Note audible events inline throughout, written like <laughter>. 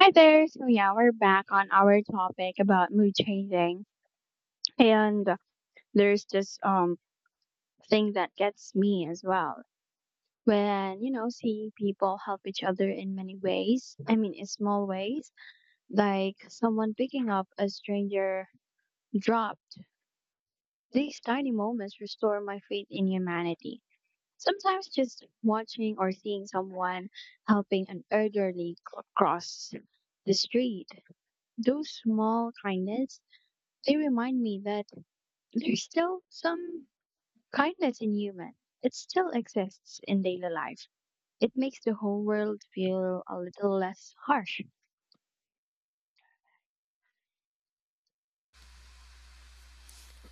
Hi there. So yeah, we're back on our topic about mood changing. And there's this thing that gets me as well. When, you know, seeing people help each other in many ways. I mean in small ways, like someone picking up a stranger drop. These tiny moments restore my faith in humanity. Sometimes just watching or seeing someone helping an cross the street. Those small kindness. They remind me that there's still some kindness in human. It still exists in daily life. It makes the whole world feel a little less harsh. It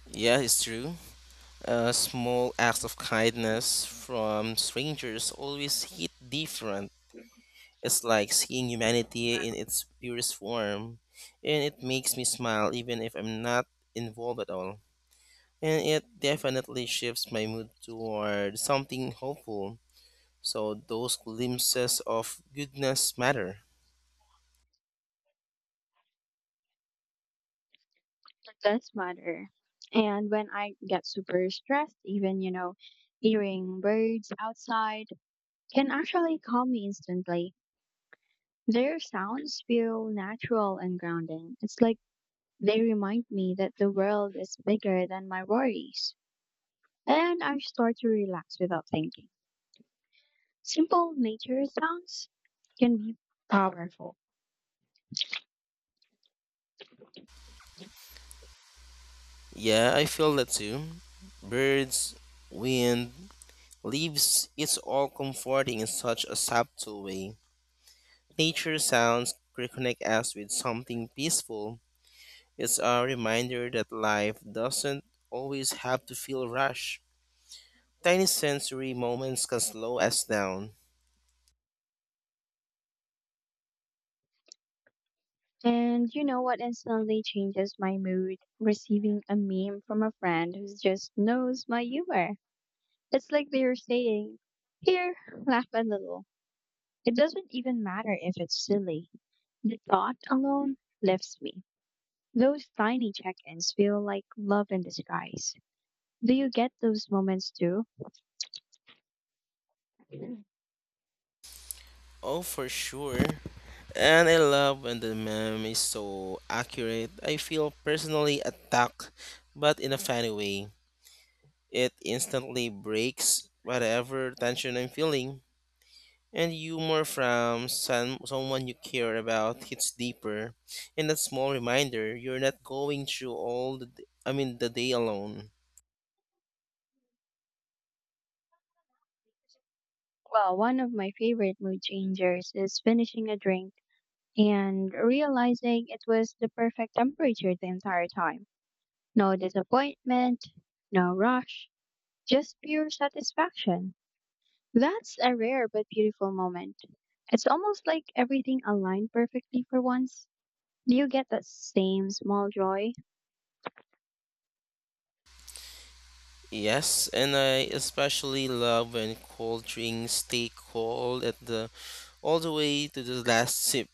Yeah, it's true. Small acts of kindness from strangers always hit different. It's like seeing humanity in its purest form, and it makes me smile even if I'm not involved at all. And it definitely shifts my mood toward something hopeful. So those glimpses of goodness matter. does matter. And when I get super stressed, even, you know, hearing birds outside can actually calm me instantly. Their sounds feel natural and grounding. It's like they remind me that the world is bigger than my worries. And I start to relax without thinking. Simple nature sounds can be powerful. Yeah, I feel that too. Birds, wind, leaves, it's all comforting in such a subtle way. Nature sounds reconnect us with something peaceful. It's a reminder that life doesn't always have to feel rushed. Tiny sensory moments can slow us down. And you know what instantly changes my mood? Receiving a meme from a friend who just knows my humor. It's like they're saying, here, laugh a little. It doesn't even matter if it's silly. The thought alone lifts me. Those tiny check ins feel like love in disguise. Do you get those moments too? Oh, for sure. And I love when the meme is so accurate. I feel personally attacked, but in a funny way. It instantly breaks whatever tension I'm feeling. And humor from someone you care about hits deeper. And that small reminder, you're not going through all the, d- I mean, the day alone. Well, one of my favorite mood changers is finishing a drink and realizing it was the perfect temperature the entire time. No disappointment, no rush, just pure satisfaction. That's a rare but beautiful moment. It's almost like everything aligned perfectly for once. Do you get that same small joy? Yes, and I especially love when cold drinks stay cold at the all the way to the last sip.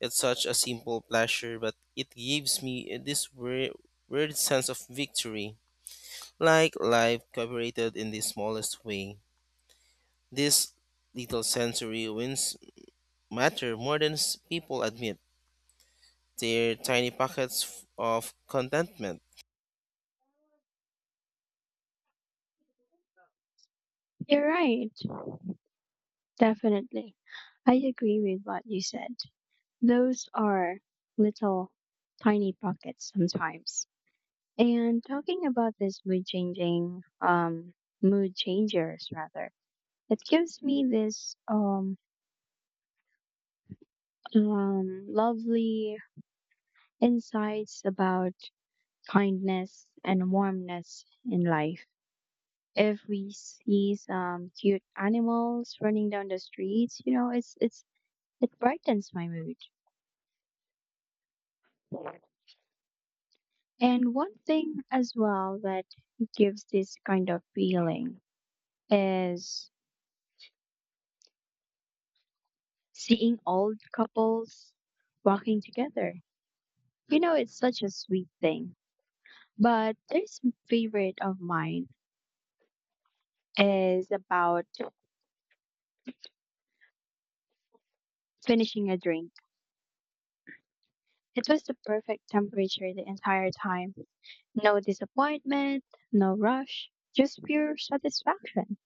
It's such a simple pleasure, but it gives me this weird sense of victory, like life cooperated in the smallest way. This little sensory wins matter more than people admit. Their tiny pockets of contentment. You're right. Definitely. I agree with what you said. Those are little tiny pockets sometimes. And talking about this mood changing, mood changers rather, it gives me this lovely insights about kindness and warmness in life. If we see some cute animals running down the streets, you know, it's it brightens my mood. And one thing as well that gives this kind of feeling is seeing old couples walking together. You know, it's such a sweet thing. But this favorite of mine is about finishing a drink. It was the perfect temperature the entire time. No disappointment, no rush, just pure satisfaction.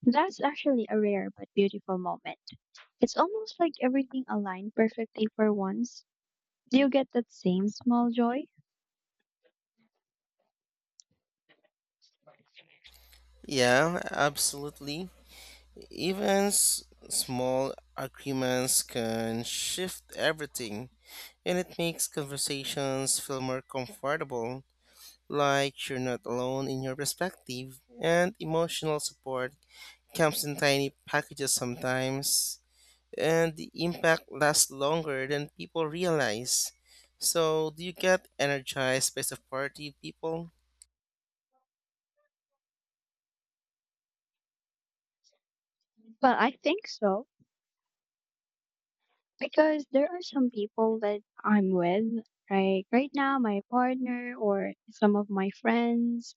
That's actually a rare but beautiful moment. It's almost like everything aligned perfectly for once. Do you get that same small joy? Yeah, absolutely. Even small agreements can shift everything, and it makes conversations feel more comfortable, like you're not alone in your perspective, and emotional support comes in tiny packages sometimes, and the impact lasts longer than people realize. So, do you get energized by supportive people? Well, I think so. Because there are some people that I'm with, like right now, my partner or some of my friends,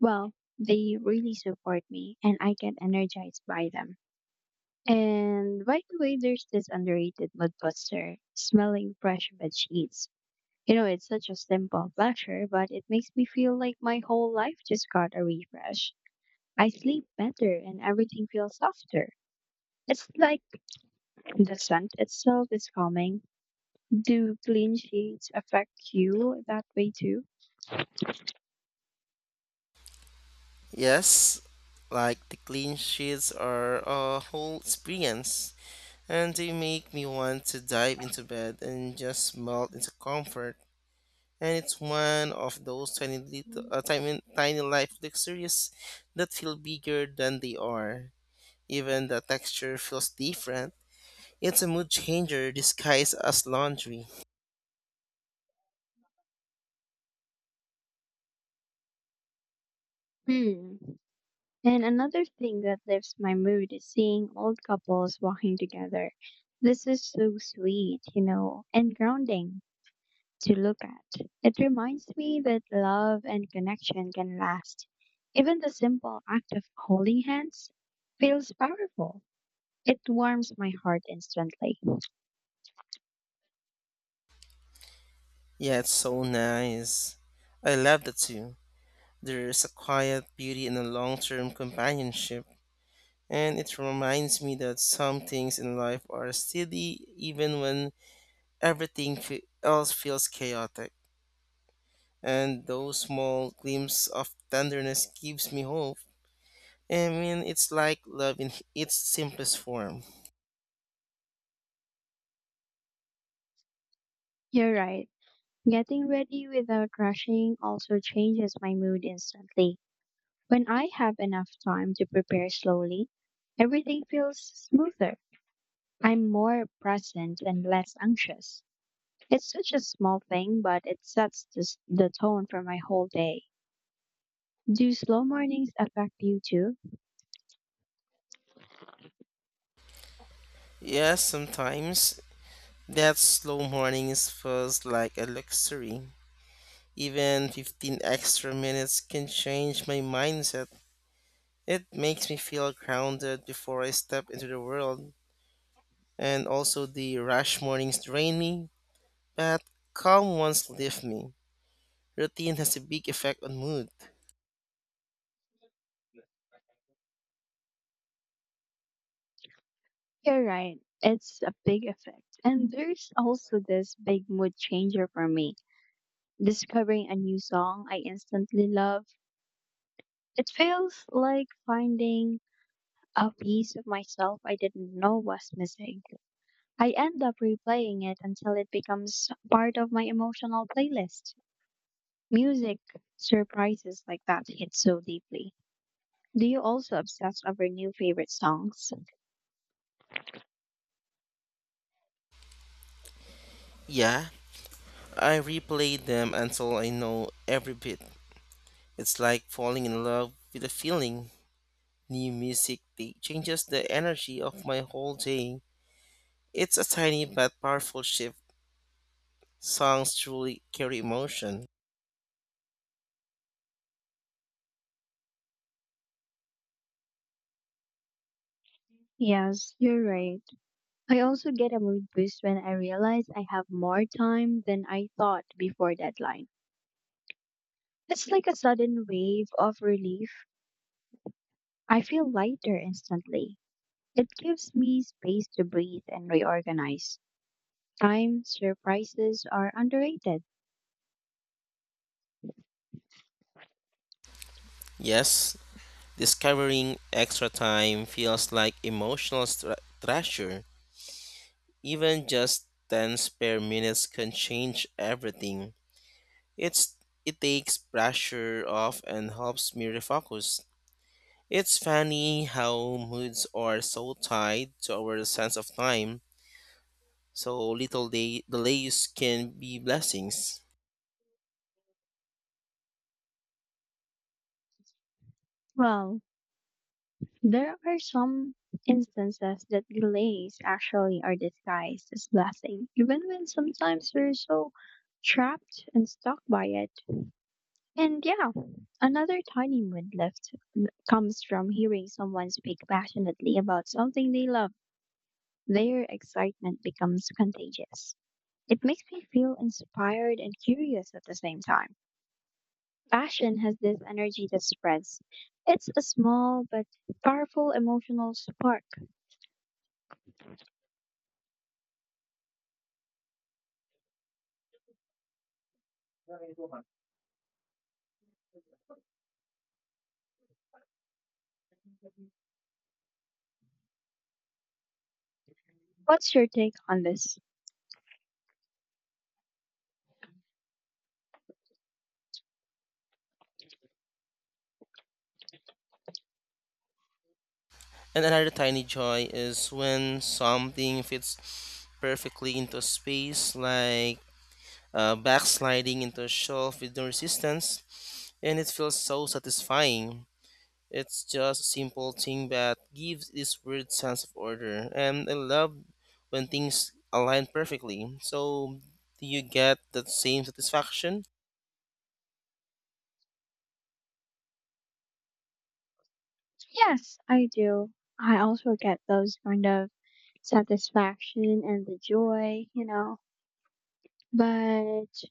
well, they really support me and I get energized by them. And by the way, there's this underrated mud buster, smelling fresh bed sheets. You know, it's such a simple pleasure, but it makes me feel like my whole life just got a refresh. I sleep better and everything feels softer. It's like the scent itself is calming. Do clean sheets affect you that way too? Yes, like the clean sheets are a whole experience, and they make me want to dive into bed and just melt into comfort. And it's one of those tiny little, tiny, tiny life luxuries that feel bigger than they are. Even the texture feels different. It's a mood changer disguised as laundry. Hmm. And another thing that lifts my mood is seeing old couples walking together. This is so sweet, you know, and grounding to look at. It reminds me that love and connection can last. Even the simple act of holding hands feels powerful. It warms my heart instantly. Yeah, it's so nice. I love the two. There's a quiet beauty in a long term companionship, and it reminds me that some things in life are steady even when else feels chaotic. And those small glimpses of tenderness gives me hope. I mean, it's like love in its simplest form. You're right. Getting ready without rushing also changes my mood instantly. When I have enough time to prepare slowly, everything feels smoother. I'm more present and less anxious. It's such a small thing, but it sets the tone for my whole day. Do slow mornings affect you too? Yes, sometimes that slow mornings feels like a luxury. Even 15 extra minutes can change my mindset. It makes me feel grounded before I step into the world, and also the rush mornings drain me, but calm ones lift me. Routine has a big effect on mood. You're right. It's a big effect. And there's also this big mood changer for me. Discovering a new song I instantly love. It feels like finding a piece of myself I didn't know was missing. I end up replaying it until it becomes part of my emotional playlist. Music surprises like that hit so deeply. Do you also obsess over new favorite songs? Yeah, I replay them until I know every bit. It's like falling in love with a feeling. New music they changes the energy of my whole day. It's a tiny but powerful shift. Songs truly carry emotion. Yes, you're right. I also get a mood boost when I realize I have more time than I thought before deadline. It's like a sudden wave of relief. I feel lighter instantly. It gives me space to breathe and reorganize. Time surprises are underrated. Yes, discovering extra time feels like emotional treasure. Even just 10 spare minutes can change everything. It's it takes pressure off and helps me refocus. It's funny how moods are so tied to our sense of time, so little delays can be blessings. Well, there are some instances that delays actually are disguised as blessing, even when sometimes we're so trapped and stuck by it. And yeah, another tiny mood lift comes from hearing someone speak passionately about something they love. Their excitement becomes contagious. It makes me feel inspired and curious at the same time. Passion has this energy that spreads. It's a small but powerful emotional spark. What's your take on this? And another tiny joy is when something fits perfectly into space like backsliding into a shelf with no resistance, and it feels so satisfying. It's just a simple thing that gives this weird sense of order, and I love when things align perfectly. So, do you get that same satisfaction? Yes, I do. I also get those kind of satisfaction and the joy, you know. But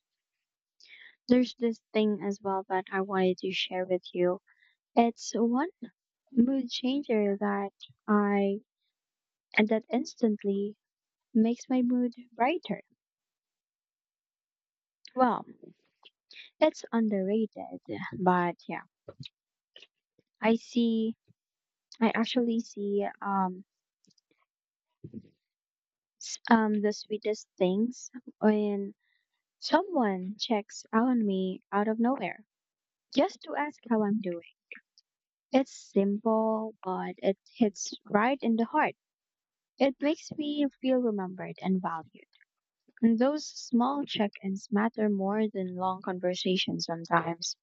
there's this thing as well that I wanted to share with you. It's one mood changer that I and that instantly makes my mood brighter. Well, it's underrated, but yeah, I see. I actually see the sweetest things when someone checks on me out of nowhere just to ask how I'm doing. It's simple, but it hits right in the heart. It makes me feel remembered and valued. And those small check-ins matter more than long conversations sometimes.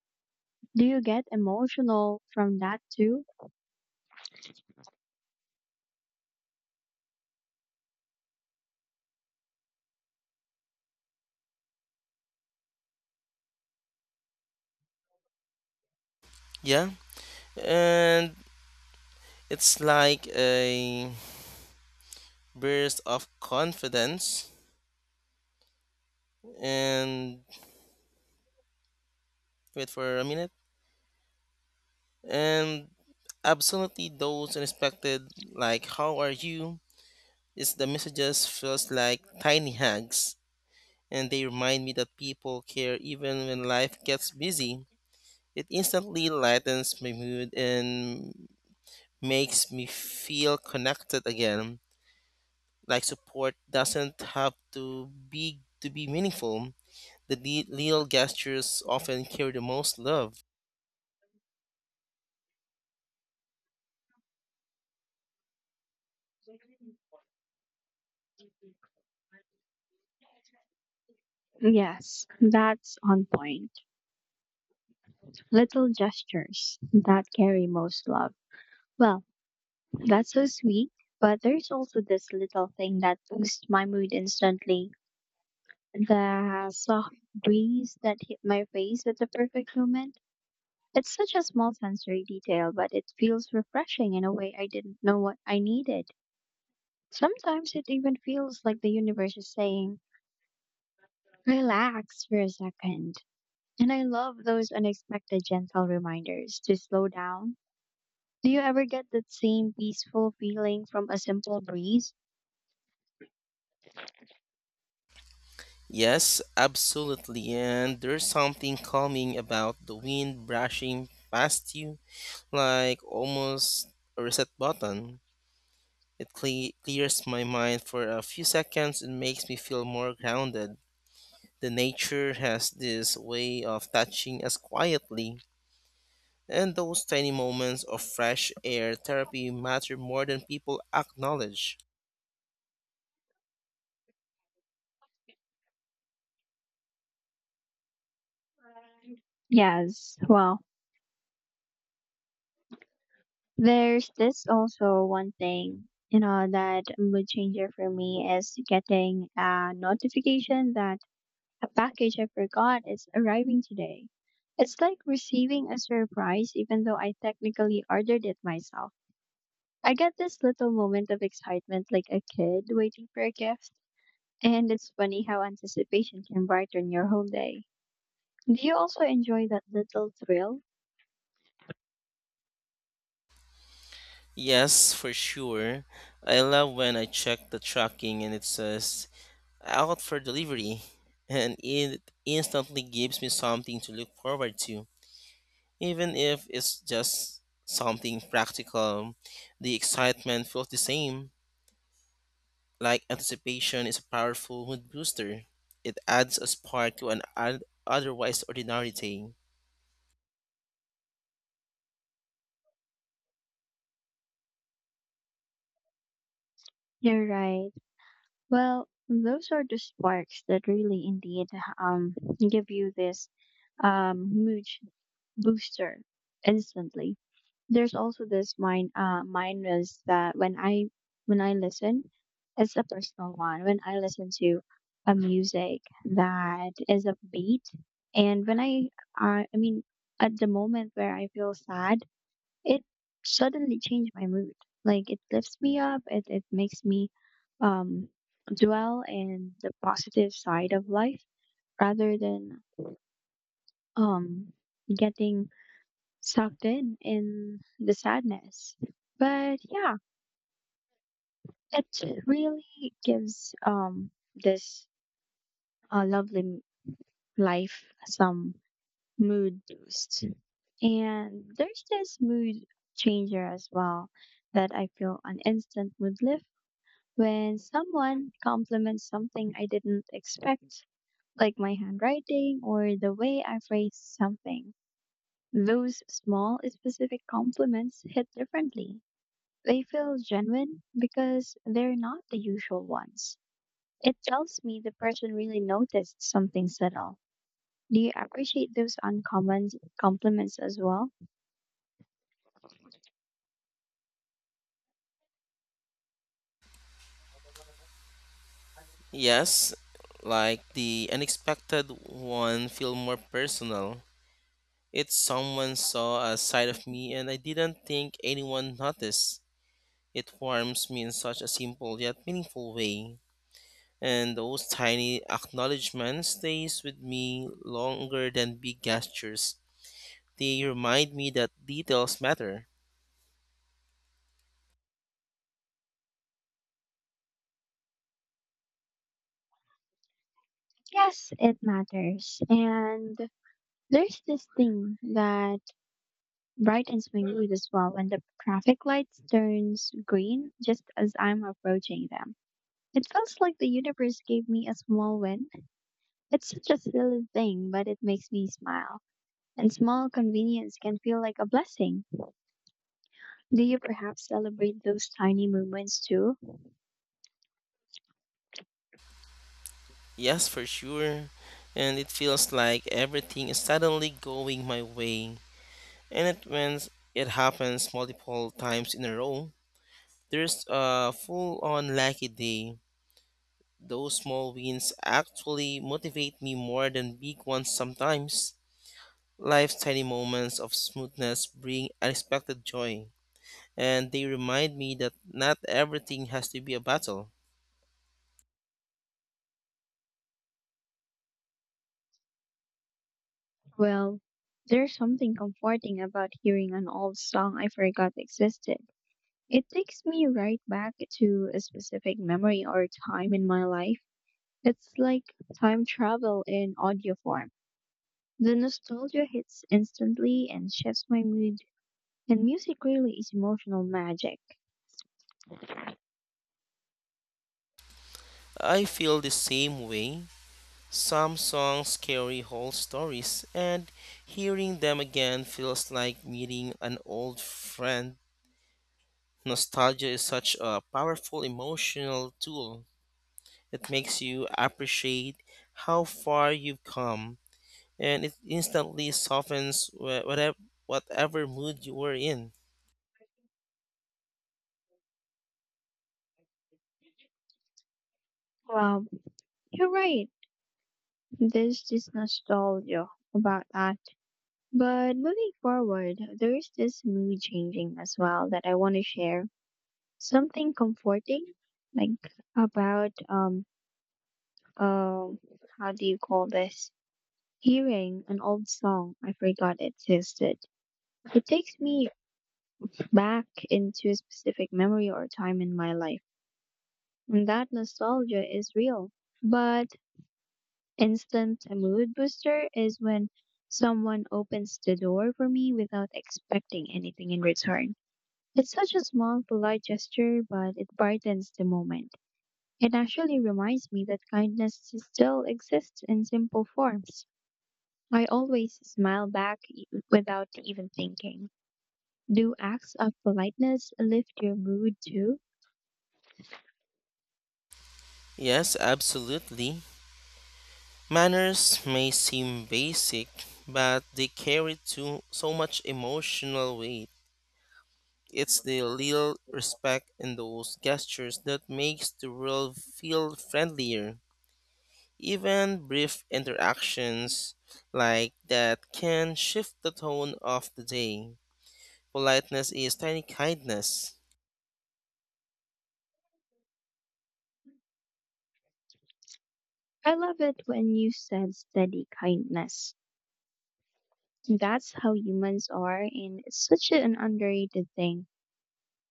Do you get emotional from that too? Yeah, and it's like a burst of confidence. And wait for a minute. And absolutely, those unexpected, like, how are you? Is the messages feels like tiny hugs and they remind me that people care even when life gets busy. It instantly lightens my mood and makes me feel connected again. Like support doesn't have to be meaningful. The little gestures often carry the most love. Yes, that's on point. Little gestures that carry most love. Well, that's so sweet, but there's also this little thing that boosts my mood instantly. The soft breeze that hit my face at the perfect moment. It's such a small sensory detail, but it feels refreshing in a way I didn't know what I needed. Sometimes it even feels like the universe is saying, relax for a second. And I love those unexpected gentle reminders to slow down. Do you ever get that same peaceful feeling from a simple breeze? Yes, absolutely. And there's something calming about the wind brushing past you, like almost a reset button. It clears my mind for a few seconds and makes me feel more grounded. The nature has this way of touching us quietly, and those tiny moments of fresh air therapy matter more than people acknowledge. Yes. Well, there's this also one thing, you know, that mood changer for me is getting a notification that a package I forgot is arriving today. It's like receiving a surprise, even though I technically ordered it myself. I get this little moment of excitement like a kid waiting for a gift. And it's funny how anticipation can brighten your whole day. Do you also enjoy that little thrill? Yes, for sure. I love when I check the tracking and it says out for delivery, <laughs> and it instantly gives me something to look forward to. Even if it's just something practical, the excitement feels the same. Like anticipation is a powerful mood booster, it adds a spark to an otherwise ordinary day. You're right. Well, those are the sparks that really indeed um, give you this mood booster instantly. There's also this mind. Mine is that when I listen, it's a personal one. When I listen to a music that is upbeat and when I mean at the moment where I feel sad, it suddenly changed my mood. Like it lifts me up, it makes me um dwell in the positive side of life rather than um getting sucked in the sadness. But yeah, it really gives this uh, lovely m- life some mood boost. And there's this mood changer as well that I feel an instant mood lift when someone compliments something I didn't expect, like my handwriting or the way I phrase something. Those small specific compliments hit differently. They feel genuine because they're not the usual ones. It tells me the person really noticed something subtle. Do you appreciate those uncommon compliments as well? Yes, like the unexpected one feel more personal. It someone saw a side of me and I didn't think anyone noticed. It warms me in such a simple yet meaningful way. And those tiny acknowledgments stays with me longer than big gestures. They remind me that details matter. Yes, it matters. And there's this thing that brightens my mood as well when the traffic lights turns green just as I'm approaching them. It feels like the universe gave me a small win. It's such a silly thing, but it makes me smile. And small convenience can feel like a blessing. Do you perhaps celebrate those tiny moments too? Yes, for sure. And it feels like everything is suddenly going my way. And it when it happens multiple times in a row, there's a full on lucky day. Those small wins actually motivate me more than big ones sometimes. Life's tiny moments of smoothness bring unexpected joy, and they remind me that not everything has to be a battle. Well, there's something comforting about hearing an old song I forgot existed. It takes me right back to a specific memory or time in my life. It's like time travel in audio form. The nostalgia hits instantly and shifts my mood, and music really is emotional magic. I feel the same way. Some songs carry whole stories, and hearing them again feels like meeting an old friend. Nostalgia is such a powerful emotional tool. It makes you appreciate how far you've come and it instantly softens whatever mood you were in. Well, you're right. There's this nostalgia about that. But moving forward, there's this mood changing as well that I want to share. Something comforting, like about uh how do you call this? Hearing an old song I forgot existed. It takes me back into a specific memory or time in my life. And that nostalgia is real. But instant mood booster is when someone opens the door for me without expecting anything in return. It's such a small, polite gesture, but it brightens the moment. It actually reminds me that kindness still exists in simple forms. I always smile without even thinking. Do acts of politeness lift your mood too? Yes, absolutely. Manners may seem basic, but they carry too, so much emotional weight. It's the little respect in those gestures that makes the world feel friendlier. Even brief interactions like that can shift the tone of the day. Politeness is tiny kindness. I love it when you said steady kindness. That's how humans are, and it's such an underrated thing.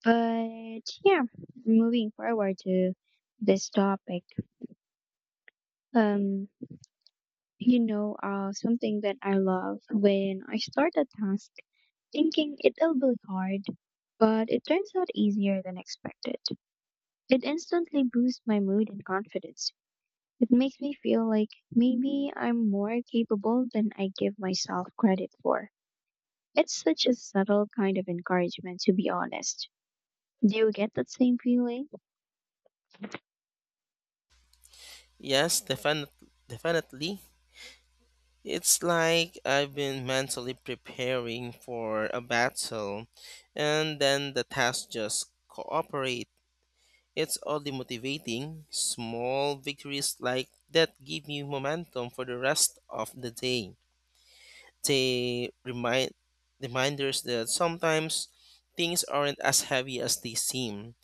But yeah, moving forward to this topic. Um, you know, something that I love when I start a task thinking it'll be hard, but it turns out easier than expected. It instantly boosts my mood and confidence. It makes me feel like maybe I'm more capable than I give myself credit for. It's such a subtle kind of encouragement, to be honest. Do you get that same feeling? Yes, Definitely. It's like I've been mentally preparing for a battle, and then the tasks just cooperate. It's oddly motivating. Small victories like that give me momentum for the rest of the day. They remind Reminders that sometimes things aren't as heavy as they seem.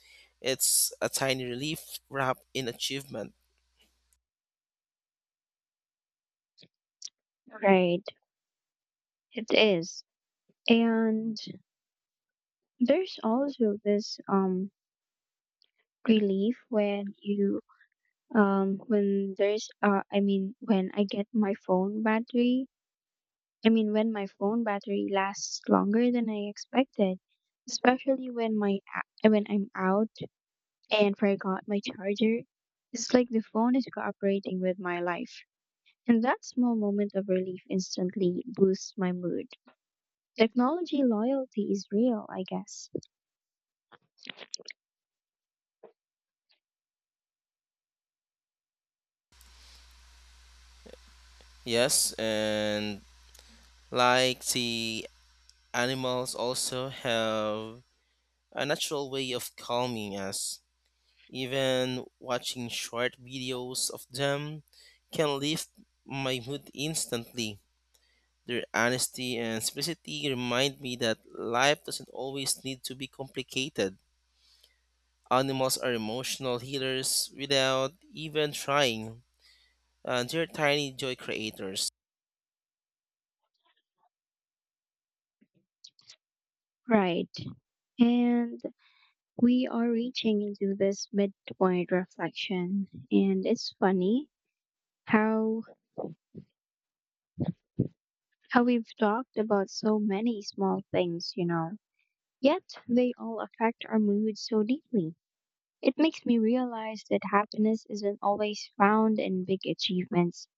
It's a tiny relief wrapped in achievement. Right, it is. And there's also this relief when you when there's I mean when I get my phone battery I mean when my phone battery lasts longer than I expected, especially when when I'm out and forgot my charger. It's like the phone is cooperating with my life, and that small moment of relief instantly boosts my mood. Technology loyalty is real, I guess. Yes, and like the animals also have a natural way of calming us. Even watching short videos of them can lift my mood instantly. Their honesty and simplicity remind me that life doesn't always need to be complicated. Animals are emotional healers without even trying, and they're tiny joy creators. Right. And we are reaching into this midpoint reflection, and it's funny how how we've talked about so many small things, you know. Yet they all affect our mood so deeply. It makes me realize that happiness isn't always found in big achievements.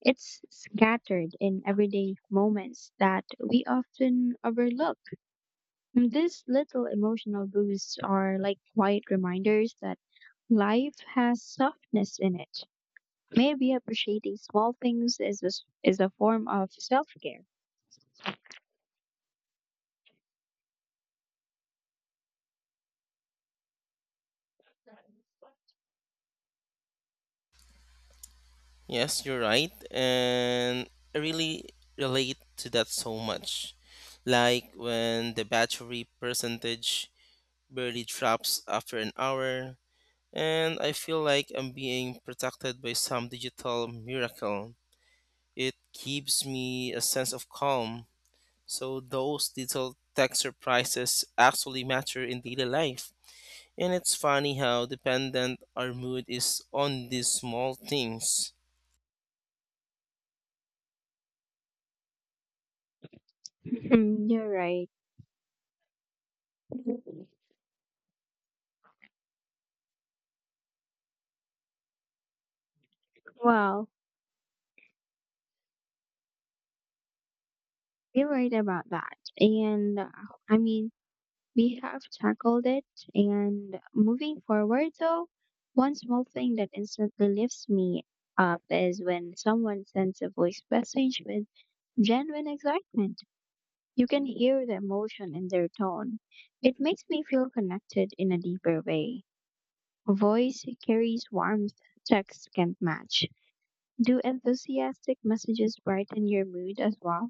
It's scattered in everyday moments that we often overlook. And these little emotional boosts are like quiet reminders that life has softness in it. Maybe appreciating small things is is a form of self-care. Yes, you're right. And I really relate to that so much. Like when the battery percentage barely drops after an hour, and I feel like I'm being protected by some digital miracle. It gives me a sense of calm. So, those little tech surprises actually matter in daily life. And it's funny how dependent our mood is on these small things. <laughs> You're right. Well, you're right about that. And I mean, we have tackled it. And moving forward, though, one small thing that instantly lifts me up is when someone sends a voice message with genuine excitement. You can hear the emotion in their tone. It makes me feel connected in a deeper way. Voice carries warmth text can't match. Do enthusiastic messages brighten your mood as well?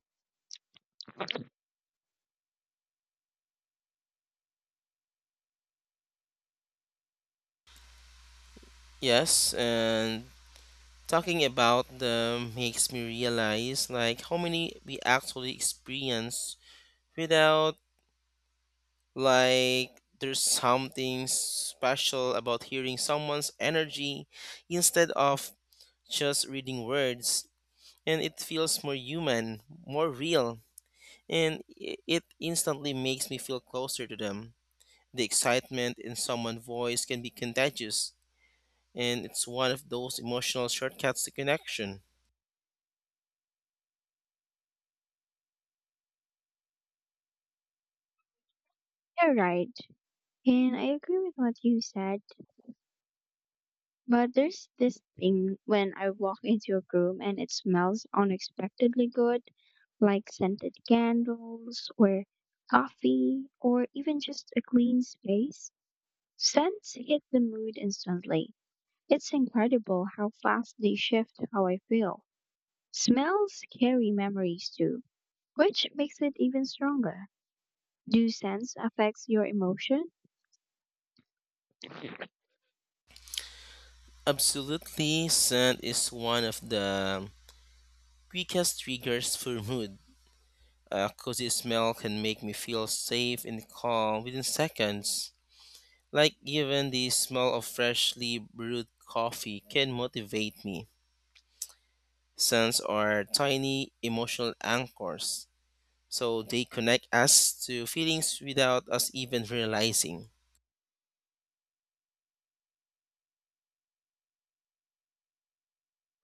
Yes, and talking about them makes me realize like how many we actually experience without like there's something special about hearing someone's energy instead of just reading words and it feels more human, more real and it instantly makes me feel closer to them. The excitement in someone's voice can be contagious and it's one of those emotional shortcuts to connection. You're right. And I agree with what you said. But there's this thing when I walk into a room and it smells unexpectedly good, like scented candles or coffee or even just a clean space. Scents hit the mood instantly. It's incredible how fast they shift how I feel. Smells carry memories too, which makes it even stronger. Do scents affect your emotion? Absolutely, scent is one of the quickest triggers for mood. A cozy smell can make me feel safe and calm within seconds. Like even the smell of freshly brewed coffee can motivate me. Scents are tiny emotional anchors, so they connect us to feelings without us even realizing.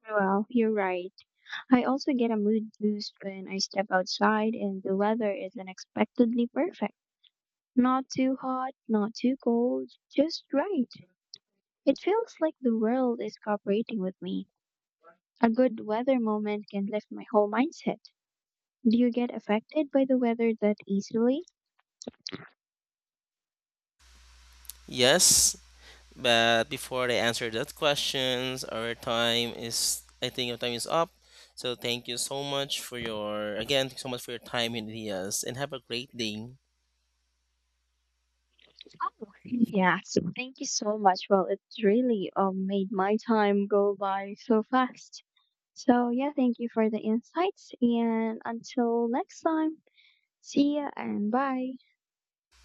Well, you're right. I also get a mood boost when I step outside and the weather is unexpectedly perfect. Not too hot, not too cold, just right. It feels like the world is cooperating with me. A good weather moment can lift my whole mindset. Do you get affected by the weather that easily? Yes, but before I answer that questions, our time is I think our time is up. So thank you so much for your again, thank you so much for your time and ideas and have a great day. Oh, yeah. So thank you so much. Well, it's really made my time go by so fast. So, yeah, thank you for the insights. And until next time, see ya and bye.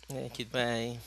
Thank you. Bye.